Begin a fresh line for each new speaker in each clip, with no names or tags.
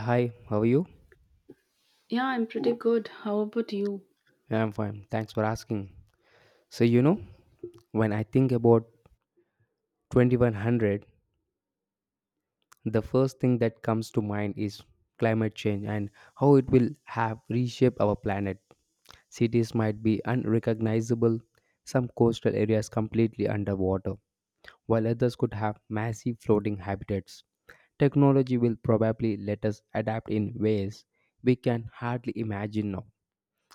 Hi, how are you?
Yeah, I'm pretty good. How about you?
Yeah, I'm fine. Thanks for asking. So, you know, when I think about 2100, the first thing that comes to mind is climate change and how it will have reshaped our planet. Cities might be unrecognizable, some coastal areas completely underwater, while others could have massive floating habitats. Technology will probably let us adapt in ways we can hardly imagine now,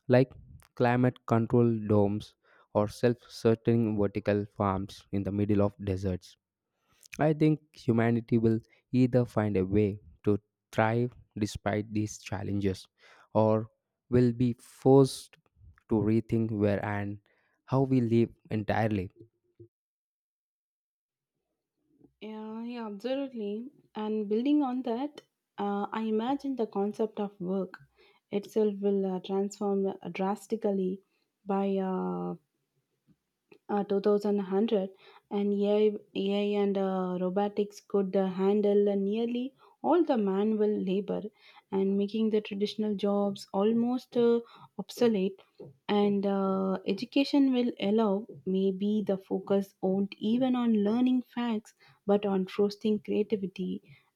like climate control domes or self sustaining vertical farms in the middle of deserts. I think humanity will either find a way to thrive despite these challenges, or will be forced to rethink where and how we live entirely.
Yeah, yeah, absolutely. And building on that, I imagine the concept of work itself will transform drastically by 2100, and AI and robotics could handle nearly all the manual labor and making the traditional jobs almost obsolete and education will allow maybe the focus won't even on learning facts but on trusting creativity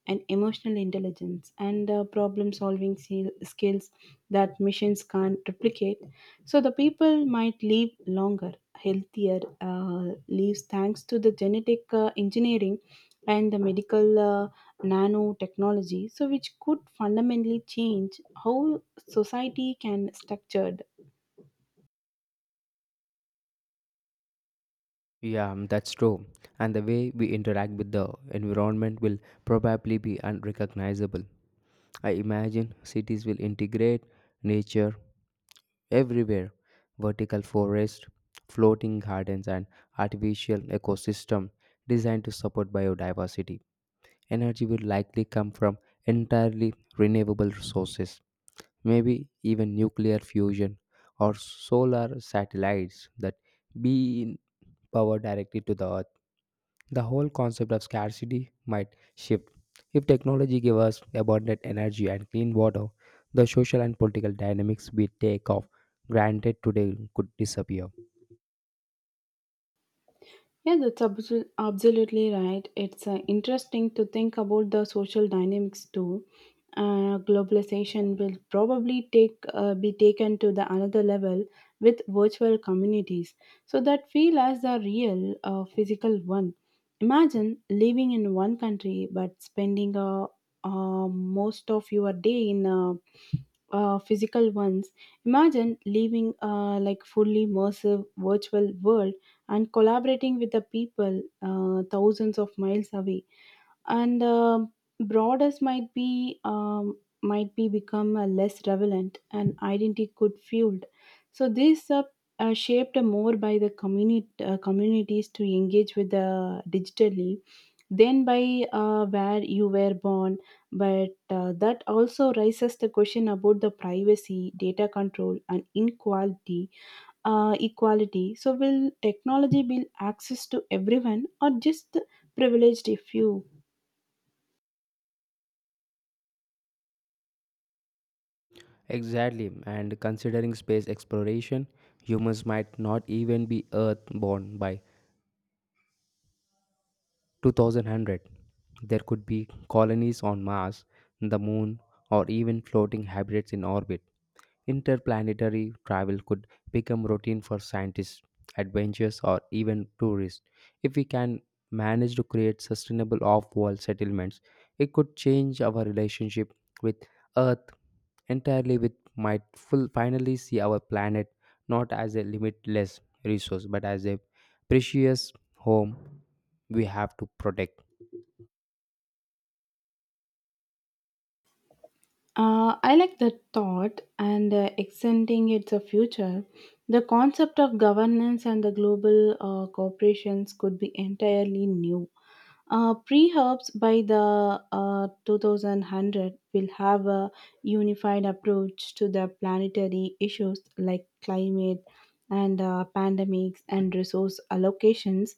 and emotional intelligence and problem solving skills that machines can't replicate. So the people might live longer healthier lives thanks to the genetic engineering and the medical nanotechnology so which could fundamentally change how society can structure.
Yeah, that's true. And the way we interact with the environment will probably be unrecognizable. I imagine cities will integrate nature everywhere, vertical forests, floating gardens, and artificial ecosystem designed to support biodiversity. Energy will likely come from entirely renewable sources, maybe even nuclear fusion or solar satellites that being power directly to the earth. The whole concept of scarcity might shift. If technology gives us abundant energy and clean water, the social and political dynamics we take of granted today could disappear.
Yeah, absolutely right. It's interesting to think about the social dynamics too. Globalization will probably take be taken to the another level with virtual communities so that feel as the real physical one. Imagine living in one country but spending most of your day in physical ones. Imagine living like fully immersive virtual world and collaborating with the people thousands of miles away, and borders might be become less relevant and identity could fueled so this shaped more by the community communities to engage with the digitally than by where you were born. But that also raises the question about the privacy, data control, and inequality equality. So will technology be access to everyone or just the privileged few?
Exactly, and considering space exploration, humans might not even be earthborn by 2100. There could be colonies on Mars, the moon, or even floating hybrids in orbit. Interplanetary travel could become routine for scientists, adventurers, or even tourists. If we can manage to create sustainable off-world settlements, it could change our relationship with earth entirely, with might full finally see our planet not as a limitless resource but as a precious home we have to protect.
I like that thought and extending its a future. The concept of governance and the global corporations could be entirely new. Pre-herbs by the 2100 will have a unified approach to the planetary issues like climate and pandemics and resource allocations.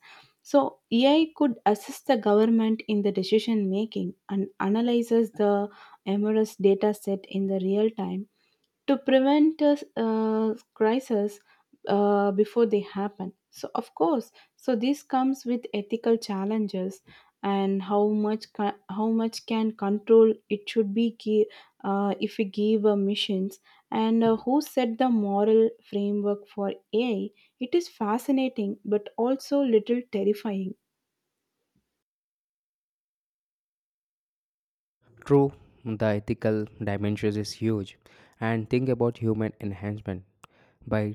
So AI could assist the government in the decision making and analyzes the MRS data set in the real time to prevent a crisis before they happen. So of course so this comes with ethical challenges and how much can control it should be if we give missions and who set the moral framework for AI. It is fascinating but also little terrifying.
True, the ethical dimensions is huge, and think about human enhancement. By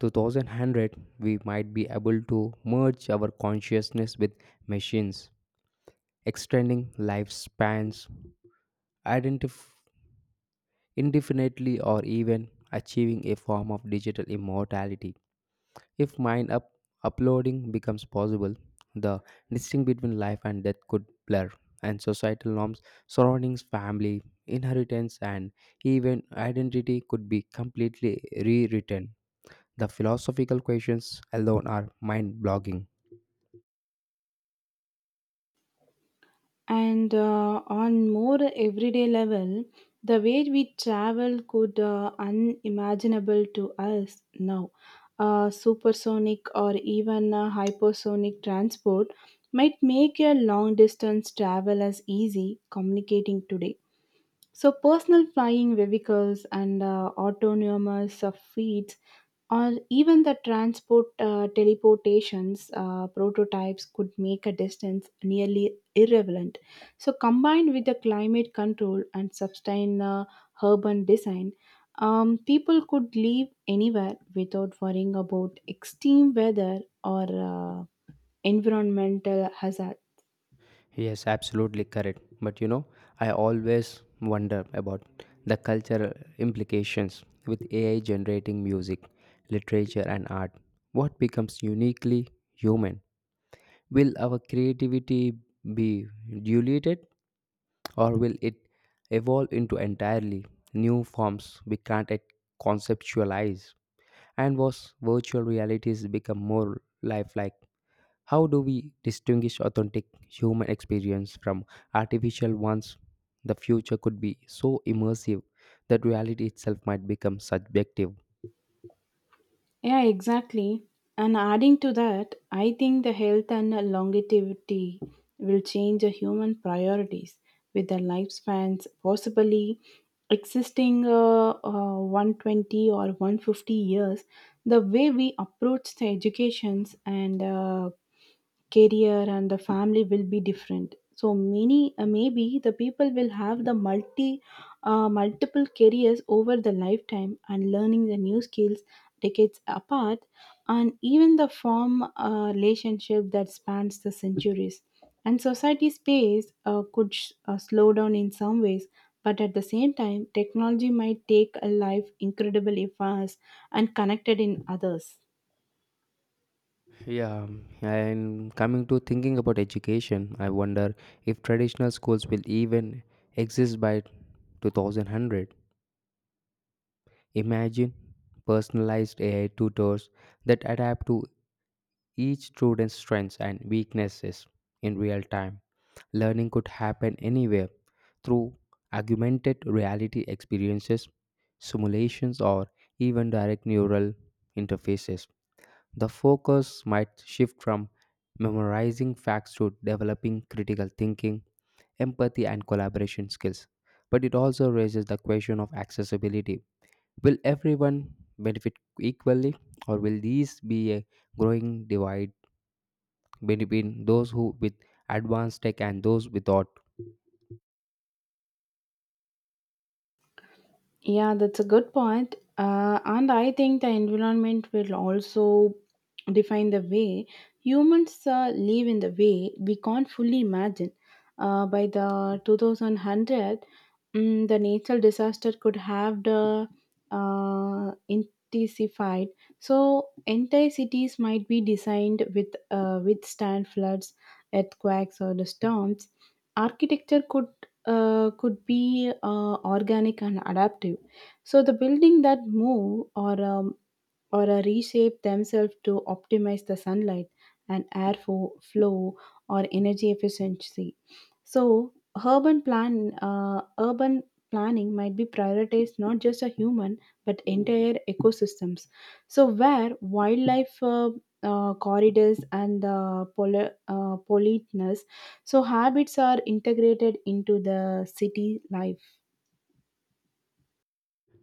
2100, we might be able to merge our consciousness with machines, extending lifespans identif- indefinitely, or even achieving a form of digital immortality. If mind up uploading becomes possible, the distinction between life and death could blur, and societal norms, surroundings, family, inheritance, and even identity could be completely rewritten. The philosophical questions alone are mind blogging.
And on more everyday level, the way we travel could unimaginable to us now. Supersonic or even hypersonic transport might make a long distance travel as easy communicating today. So personal flying vehicles and autonomous fleets or even the transport teleportations prototypes could make a distance nearly irrelevant. So combined with the climate control and sustain urban design, people could live anywhere without worrying about extreme weather or uh, environmental hazards.
Yes, absolutely correct. But you know, I always wonder about the cultural implications with AI generating music, literature, and art. What becomes uniquely human? Will our creativity be diluted, or will it evolve into entirely new forms we can't yet conceptualize? And was virtual realities become more lifelike? How do we distinguish authentic human experience from artificial ones? The future could be so immersive that reality itself might become subjective.
Yeah, exactly. And adding to that, I think the health and longevity will change the human priorities with the lifespans possibly existing 120 or 150 years. The way we approach the educations and career and the family will be different so many maybe the people will have the multiple careers over the lifetime and learning the new skills decades apart and even the form a relationship that spans the centuries. And society space could slow down in some ways, but at the same time technology might take a life incredible if fast and connected in others.
Yeah, and coming to thinking about education, I wonder if traditional schools will even exist by 2100. Imagine personalized AI tutors that adapt to each student's strengths and weaknesses in real time. Learning could happen anywhere through augmented reality experiences, simulations, or even direct neural interfaces. The focus might shift from memorizing facts to developing critical thinking, empathy, and collaboration skills. But it also raises the question of accessibility. Will everyone benefit equally, or will these be a growing divide between those who with advanced tech and those without?
Yeah, that's a good point. And I think the environment will also define the way humans live in the way we can't fully imagine. By the 2100, the natural disaster could have the, intensified. So entire cities might be designed with withstand floods, earthquakes, or the storms. Architecture could be organic and adaptive. So the building that move or reshape themselves to optimize the sunlight and flow or energy efficiency. So, urban planning might be prioritized not just a human but entire ecosystems. So, where wildlife corridors and politeness, so habits are integrated into the city life.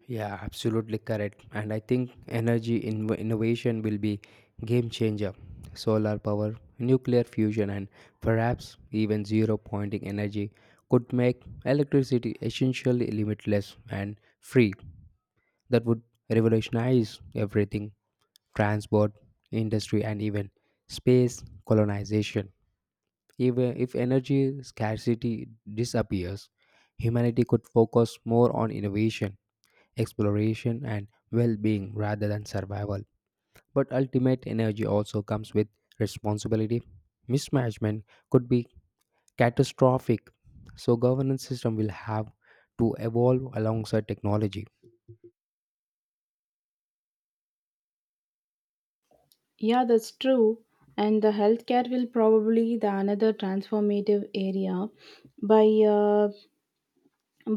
Yeah, absolutely correct. And I think energy innovation will be game changer. Solar power, nuclear fusion, and perhaps even zero pointing energy could make electricity essentially limitless and free. That would revolutionize everything: transport, industry, and even space colonization. Even if energy scarcity disappears, humanity could focus more on innovation, exploration, and well being rather than survival. But ultimate energy also comes with responsibility. Mismanagement could be catastrophic. So governance system will have to evolve alongside technology.
Yeah, that's true. And the healthcare will probably the another transformative area by uh,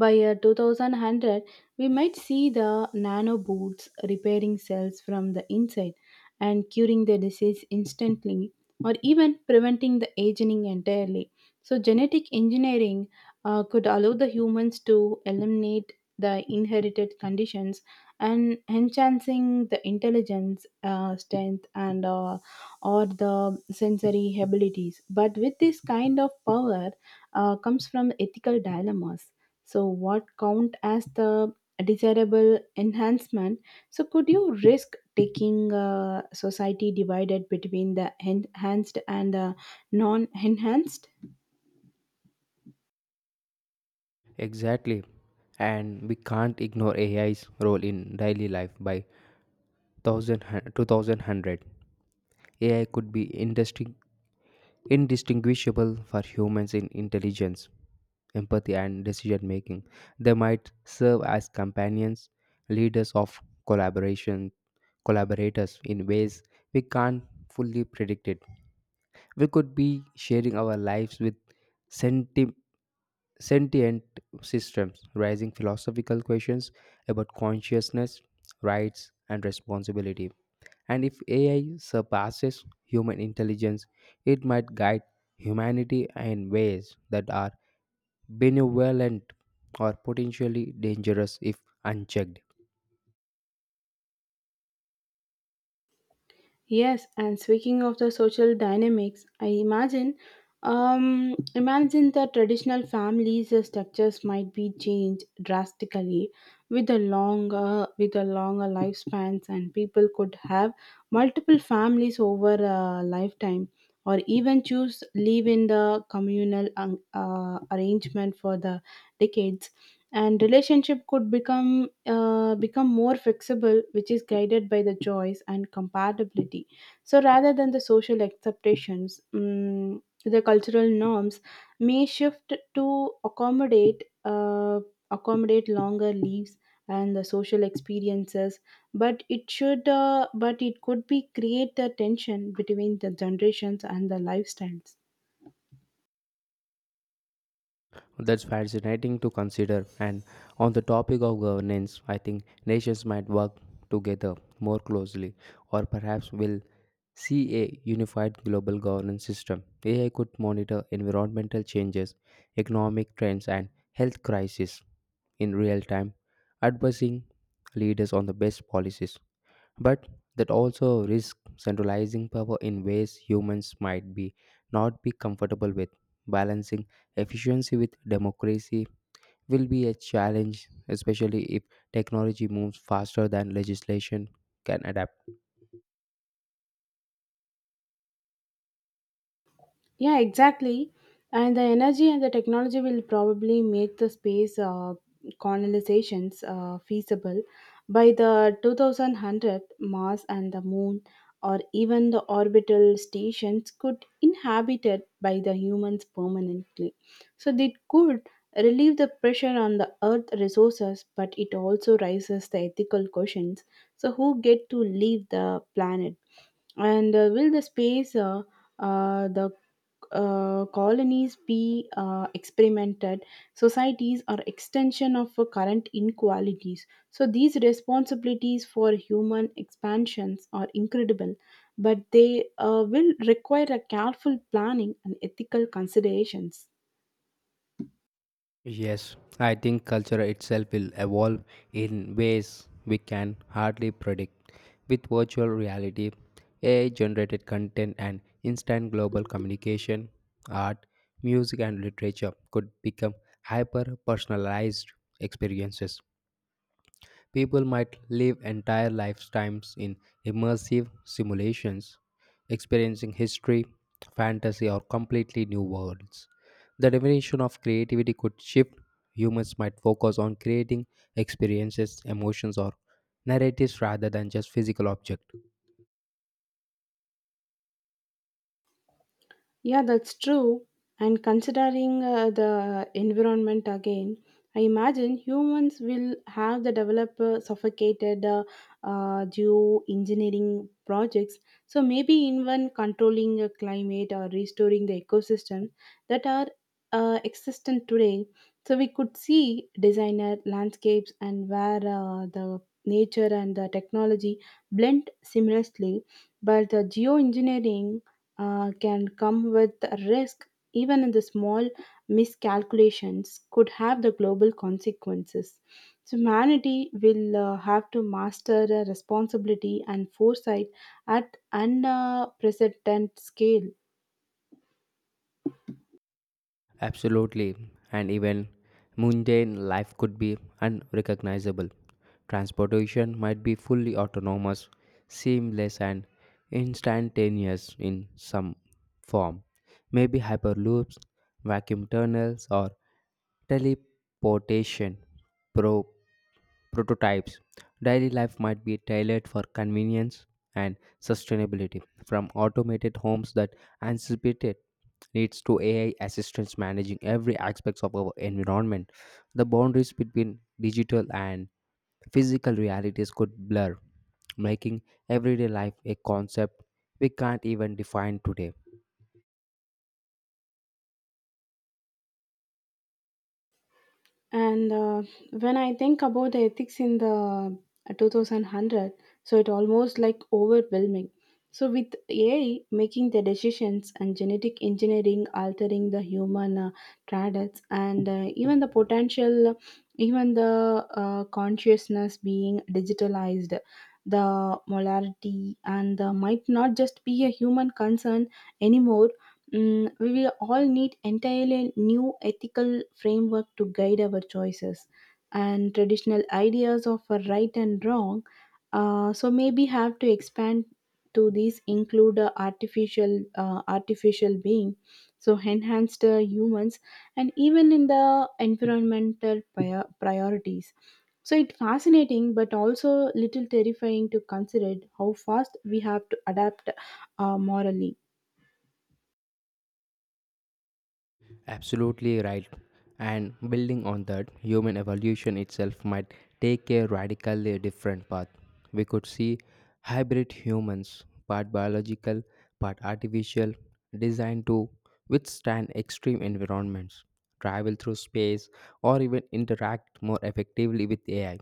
by year 2100, we might see the nanobots repairing cells from the inside and curing the disease instantly or even preventing the aging entirely. So, genetic engineering could allow the humans to eliminate the inherited conditions and enhancing the intelligence, strength, and or the sensory abilities. But with this kind of power comes from ethical dilemmas. So what count as the desirable enhancement, so could you risk taking a society divided between the enhanced and the non-enhanced?
Exactly. And we can't ignore AI's role in daily life by 1000 2000. AI could be industry indistinguishable for humans in intelligence, empathy, and decision making. They might serve as companions, leaders of collaboration, collaborators in ways we can't fully predict it. We could be sharing our lives with sentient sentient systems, raising philosophical questions about consciousness, rights, and responsibility. And if AI surpasses human intelligence, it might guide humanity in ways that are benevolent or potentially dangerous if unchecked.
Yes, and speaking of the social dynamics, I imagine, imagine that traditional families' structures might be changed drastically with with the longer lifespans, and people could have multiple families over a lifetime, or even choose live in the communal arrangement for the decades. And relationship could become more flexible which is guided by the choice and compatibility, so rather than the social acceptations the cultural norms may shift to accommodate uh, accommodate longer leaves and the social experiences. But it could be create a tension between the generations and the lifestyles.
That's fascinating to consider. And on the topic of governance, I think nations might work together more closely, or perhaps will see a unified global governance system. AI could monitor environmental changes, economic trends, and health crises in real time, advising leaders on the best policies, but that also risks centralizing power in ways humans might be not be comfortable with. Balancing efficiency with democracy will be a challenge, especially if technology moves faster than legislation can adapt.
Yeah, exactly. And the energy and the technology will probably make the space colonizations feasible by the 2100. Mars and the Moon, or even the orbital stations could inhabited by the humans permanently. So they could relieve the pressure on the Earth resources, but it also raises the ethical questions. So who get to leave the planet? And will the space the colonies be experimented, societies are extension of current inequalities. So these responsibilities for human expansions are incredible, but they will require a careful planning and ethical considerations.
Yes, I think culture itself will evolve in ways we can hardly predict. With virtual reality, AI generated content, and instant global communication, art, music, and literature could become hyper personalized experiences. People might live entire lifetimes in immersive simulations, experiencing history, fantasy, or completely new worlds. The definition of creativity could shift. Humans might focus on creating experiences, emotions, or narratives rather than just physical objects.
Yeah, that's true. And considering the environment again, I imagine humans will have the developer suffocated due engineering projects. So maybe even controlling climate or restoring the ecosystem that are existent today. So we could see designer landscapes and where the nature and the technology blend seamlessly, but the geoengineering can come with risk, even in the small miscalculations, could have the global consequences. So humanity will have to master responsibility and foresight at unprecedented scale.
Absolutely, and even mundane life could be unrecognizable. Transportation might be fully autonomous, seamless, and instantaneous in some form. Maybe hyperloops, vacuum tunnels, or teleportation pro- prototypes. Daily life might be tailored for convenience and sustainability, from automated homes that anticipated needs to AI assistance managing every aspects of our environment. The boundaries between digital and physical realities could blur, making everyday life a concept we can't even define today.
And when I think about the ethics in the 2100, so it almost like overwhelming. So with AI making the decisions and genetic engineering altering the human traits and even the consciousness being digitalized, the molarity and might not just be a human concern anymore. Mm, we will all need entirely new ethical framework to guide our choices and traditional ideas of a right and wrong, so maybe have to expand to these include uh, artificial artificial being, so enhanced humans and even in the priorities. So it's fascinating but also little terrifying to consider how fast we have to adapt morally.
Absolutely right. And building on that, human evolution itself might take a radically different path. We could see hybrid humans, part biological, part artificial, designed to withstand extreme environments, travel through space, or even interact more effectively with AI.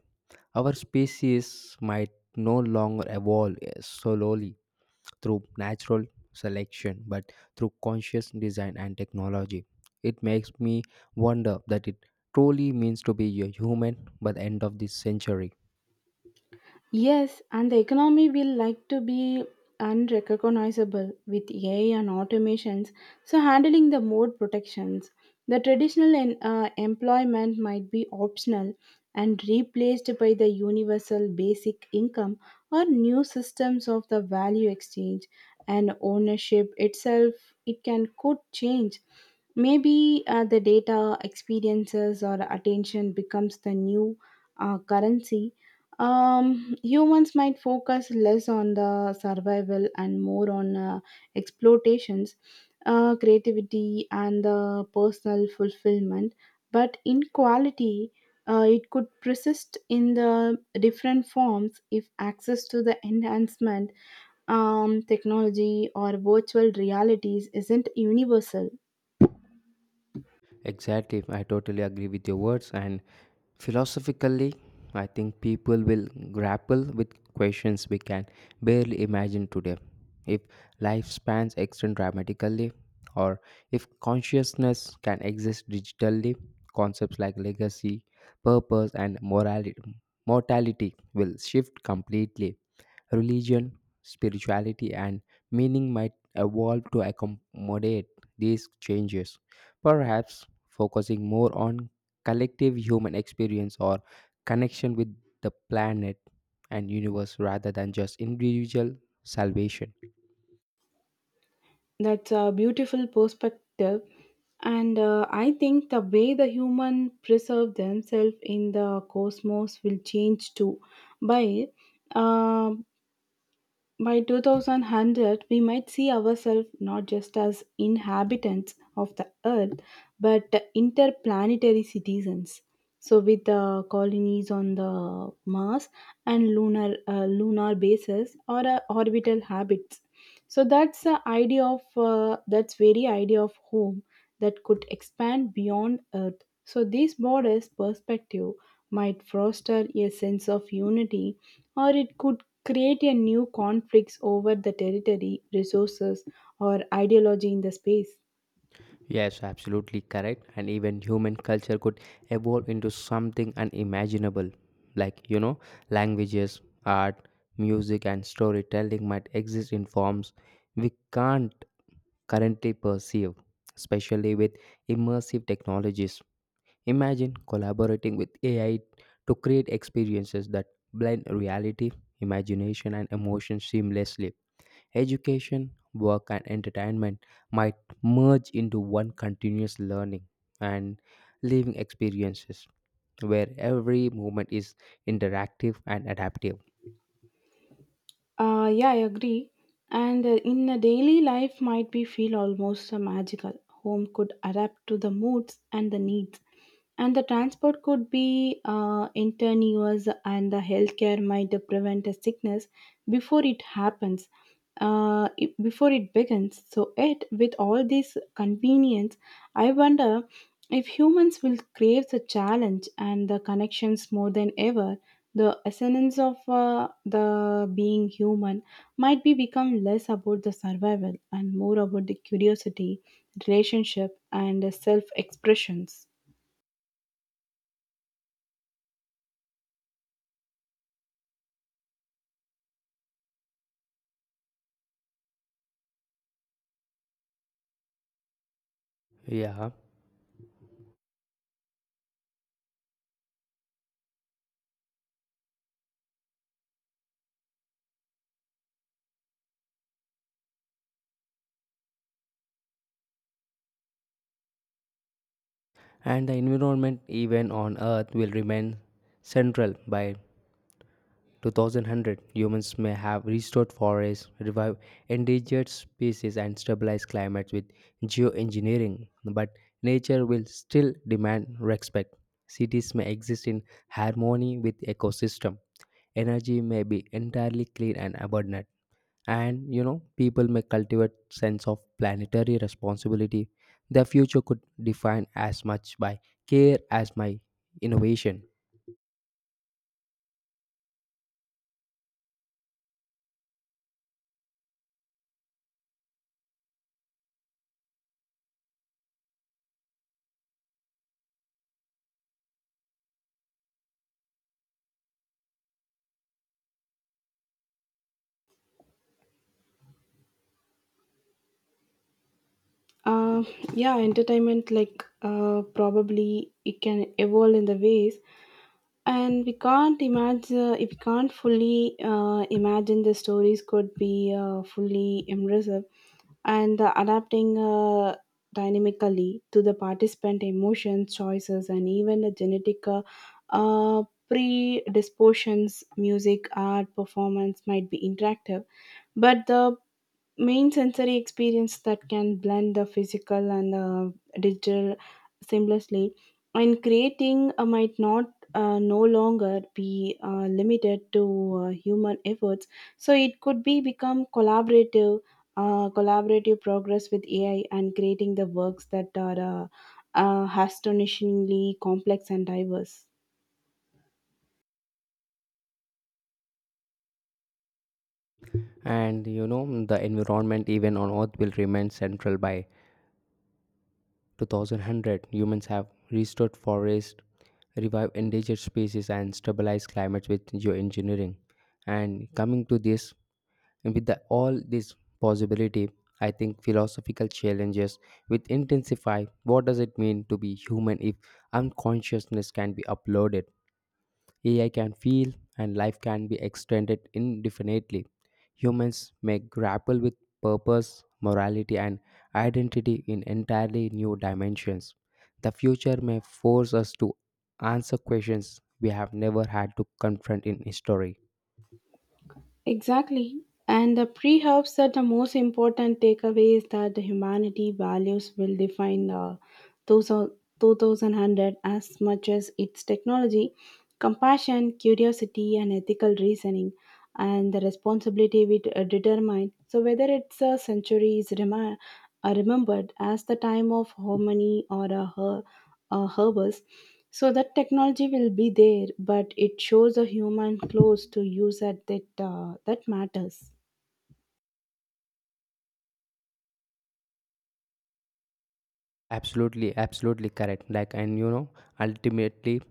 Our species might no longer evolve solely through natural selection but through conscious design and technology. It makes me wonder that it truly means to be a human by the end of this century.
Yes, and the economy will like to be unrecognizable with AI and automations, so handling the more protections. The traditional employment might be optional and replaced by the universal basic income or new systems of the value exchange, and ownership itself it can could change. Maybe the data experiences or attention becomes the new currency. Humans might focus less on the survival and more on exploitations, creativity, and the personal fulfillment. But inequality it could persist in the different forms if access to the enhancement, technology, or virtual realities isn't universal.
Exactly, I totally agree with your words. And philosophically, I think people will grapple with questions we can barely imagine today. If lifespans extend dramatically, or if consciousness can exist digitally, concepts like legacy, purpose, and mortality will shift completely. Religion, spirituality, and meaning might evolve to accommodate these changes, perhaps focusing more on collective human experience or connection with the planet and universe rather than just individual salvation.
That's a beautiful perspective. And I think the way the human preserve themselves in the cosmos will change too. By uh, by 2100, we might see ourselves not just as inhabitants of the Earth, but interplanetary citizens. So, with the colonies on the Mars and lunar bases or orbital habits, so that's the idea of that's very idea of home that could expand beyond Earth. So, this borders perspective might foster a sense of unity, or it could create a new conflicts over the territory, resources, or ideology in the space.
Yes, absolutely correct. And even human culture could evolve into something unimaginable. Like, you know, languages, art, music, and storytelling might exist in forms we can't currently perceive, especially with immersive technologies. Imagine collaborating with AI to create experiences that blend reality, imagination, and emotion seamlessly. Education, work, and entertainment might merge into one continuous learning and living experiences, where every moment is interactive and adaptive.
Yeah, I agree. And in a daily life, might be feel almost magical. Home could adapt to the moods and the needs, and the transport could be intraneous, and the healthcare might prevent a sickness before it happens, before it begins. So, it with all this convenience, I wonder if humans will crave the challenge and the connections more than ever. The essence of the being human might be become less about the survival and more about the curiosity, relationship, and self expressions.
Yeah, and the environment, even on Earth, will remain central. By 2100, humans may have restored forests, revived endangered species, and stabilized climates with geoengineering, but nature will still demand respect. Cities may exist in harmony with ecosystem. Energy may be entirely clean and abundant, and you know people may cultivate sense of planetary responsibility. Their future could define as much by care as my innovation.
uh, yeah, entertainment like probably it can evolve in the ways and we can't imagine, if we can't fully imagine. The stories could be fully immersive and adapting dynamically to the participant emotions, choices, and even the genetic predispositions. Music, art, performance might be interactive, but the main sensory experience that can blend the physical and the digital seamlessly. And creating might not no longer be limited to human efforts, so it could be become collaborative collaborative progress with AI and creating the works that are astonishingly complex and diverse.
And you know, the environment even on earth will remain central. By 2100, humans have restored forests, revived endangered species, and stabilized climates with geoengineering. And coming to this, with all this possibility, I think philosophical challenges will intensify. What does it mean to be human if unconsciousness can be uploaded? AI can feel and life can be extended indefinitely. Humans may grapple with purpose, morality, and identity in entirely new dimensions. The future may force us to answer questions we have never had to confront in history.
Exactly. And the pre helps that the most important takeaway is that the humanity values will define the 2100 as much as its technology, compassion, curiosity, and ethical reasoning, and the responsibility we determine. So, whether it's a century is remembered as the time of harmony or a herbal, so that technology will be there, but it shows a human close to use at that matters.
Absolutely, absolutely correct. Ultimately,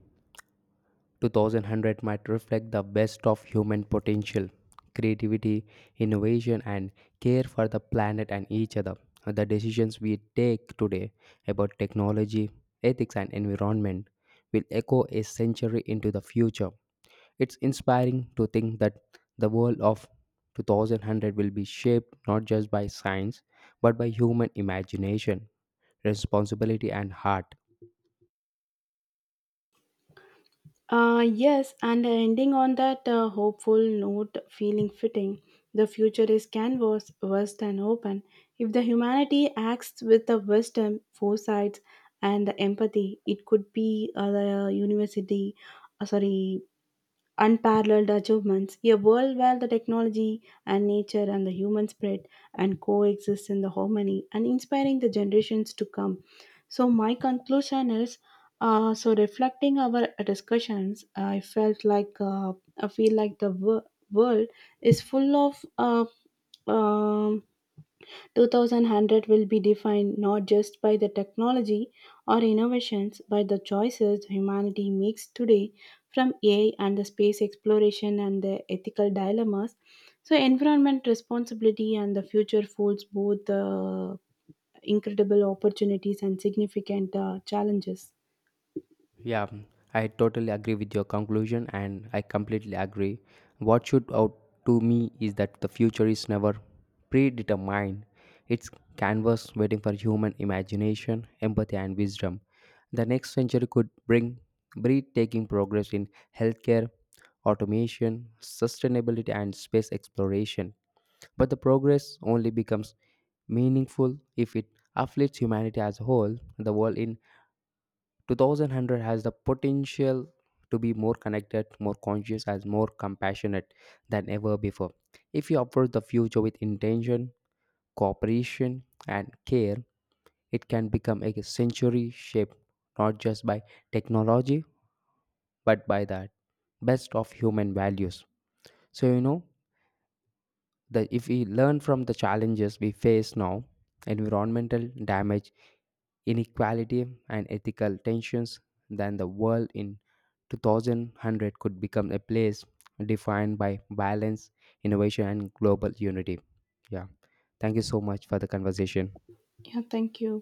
2100 might reflect the best of human potential, creativity, innovation, and care for the planet and each other. The decisions we take today about technology, ethics, and environment will echo a century into the future. It's inspiring to think that the world of 2100 will be shaped not just by science but by human imagination, responsibility, and heart.
Yes, and ending on that hopeful note, feeling fitting. The future is canvas, vast and open. If the humanity acts with the wisdom, foresight, and the empathy, it could be a university, uh, sorry, unparalleled achievements, a world where the technology and nature and the human spread and coexist in the harmony and inspiring the generations to come. So my conclusion is, so reflecting our discussions, I feel like the world is full of 2100 will be defined not just by the technology or innovations but the choices humanity makes today, from AI and the space exploration and the ethical dilemmas so environment responsibility and the future holds both incredible opportunities and significant challenges.
Yeah, um, I totally agree with your conclusion and I completely agree. What should out to me is that the future is never predetermined. It's canvas waiting for human imagination, empathy and wisdom. The next century could bring breathtaking progress in healthcare, automation, sustainability and space exploration. But the progress only becomes meaningful if it uplifts humanity as a whole. The world in 2100 has the potential to be more connected, more conscious, and more compassionate than ever before. If you approach the future with intention, cooperation, and care, it can become a century shaped not just by technology but by the best of human values. So, you know, that if we learn from the challenges we face now, environmental damage, inequality and ethical tensions, then the world in 2100 could become a place defined by balance, innovation and global unity. Yeah, thank you so much for the conversation.
Yeah, thank you.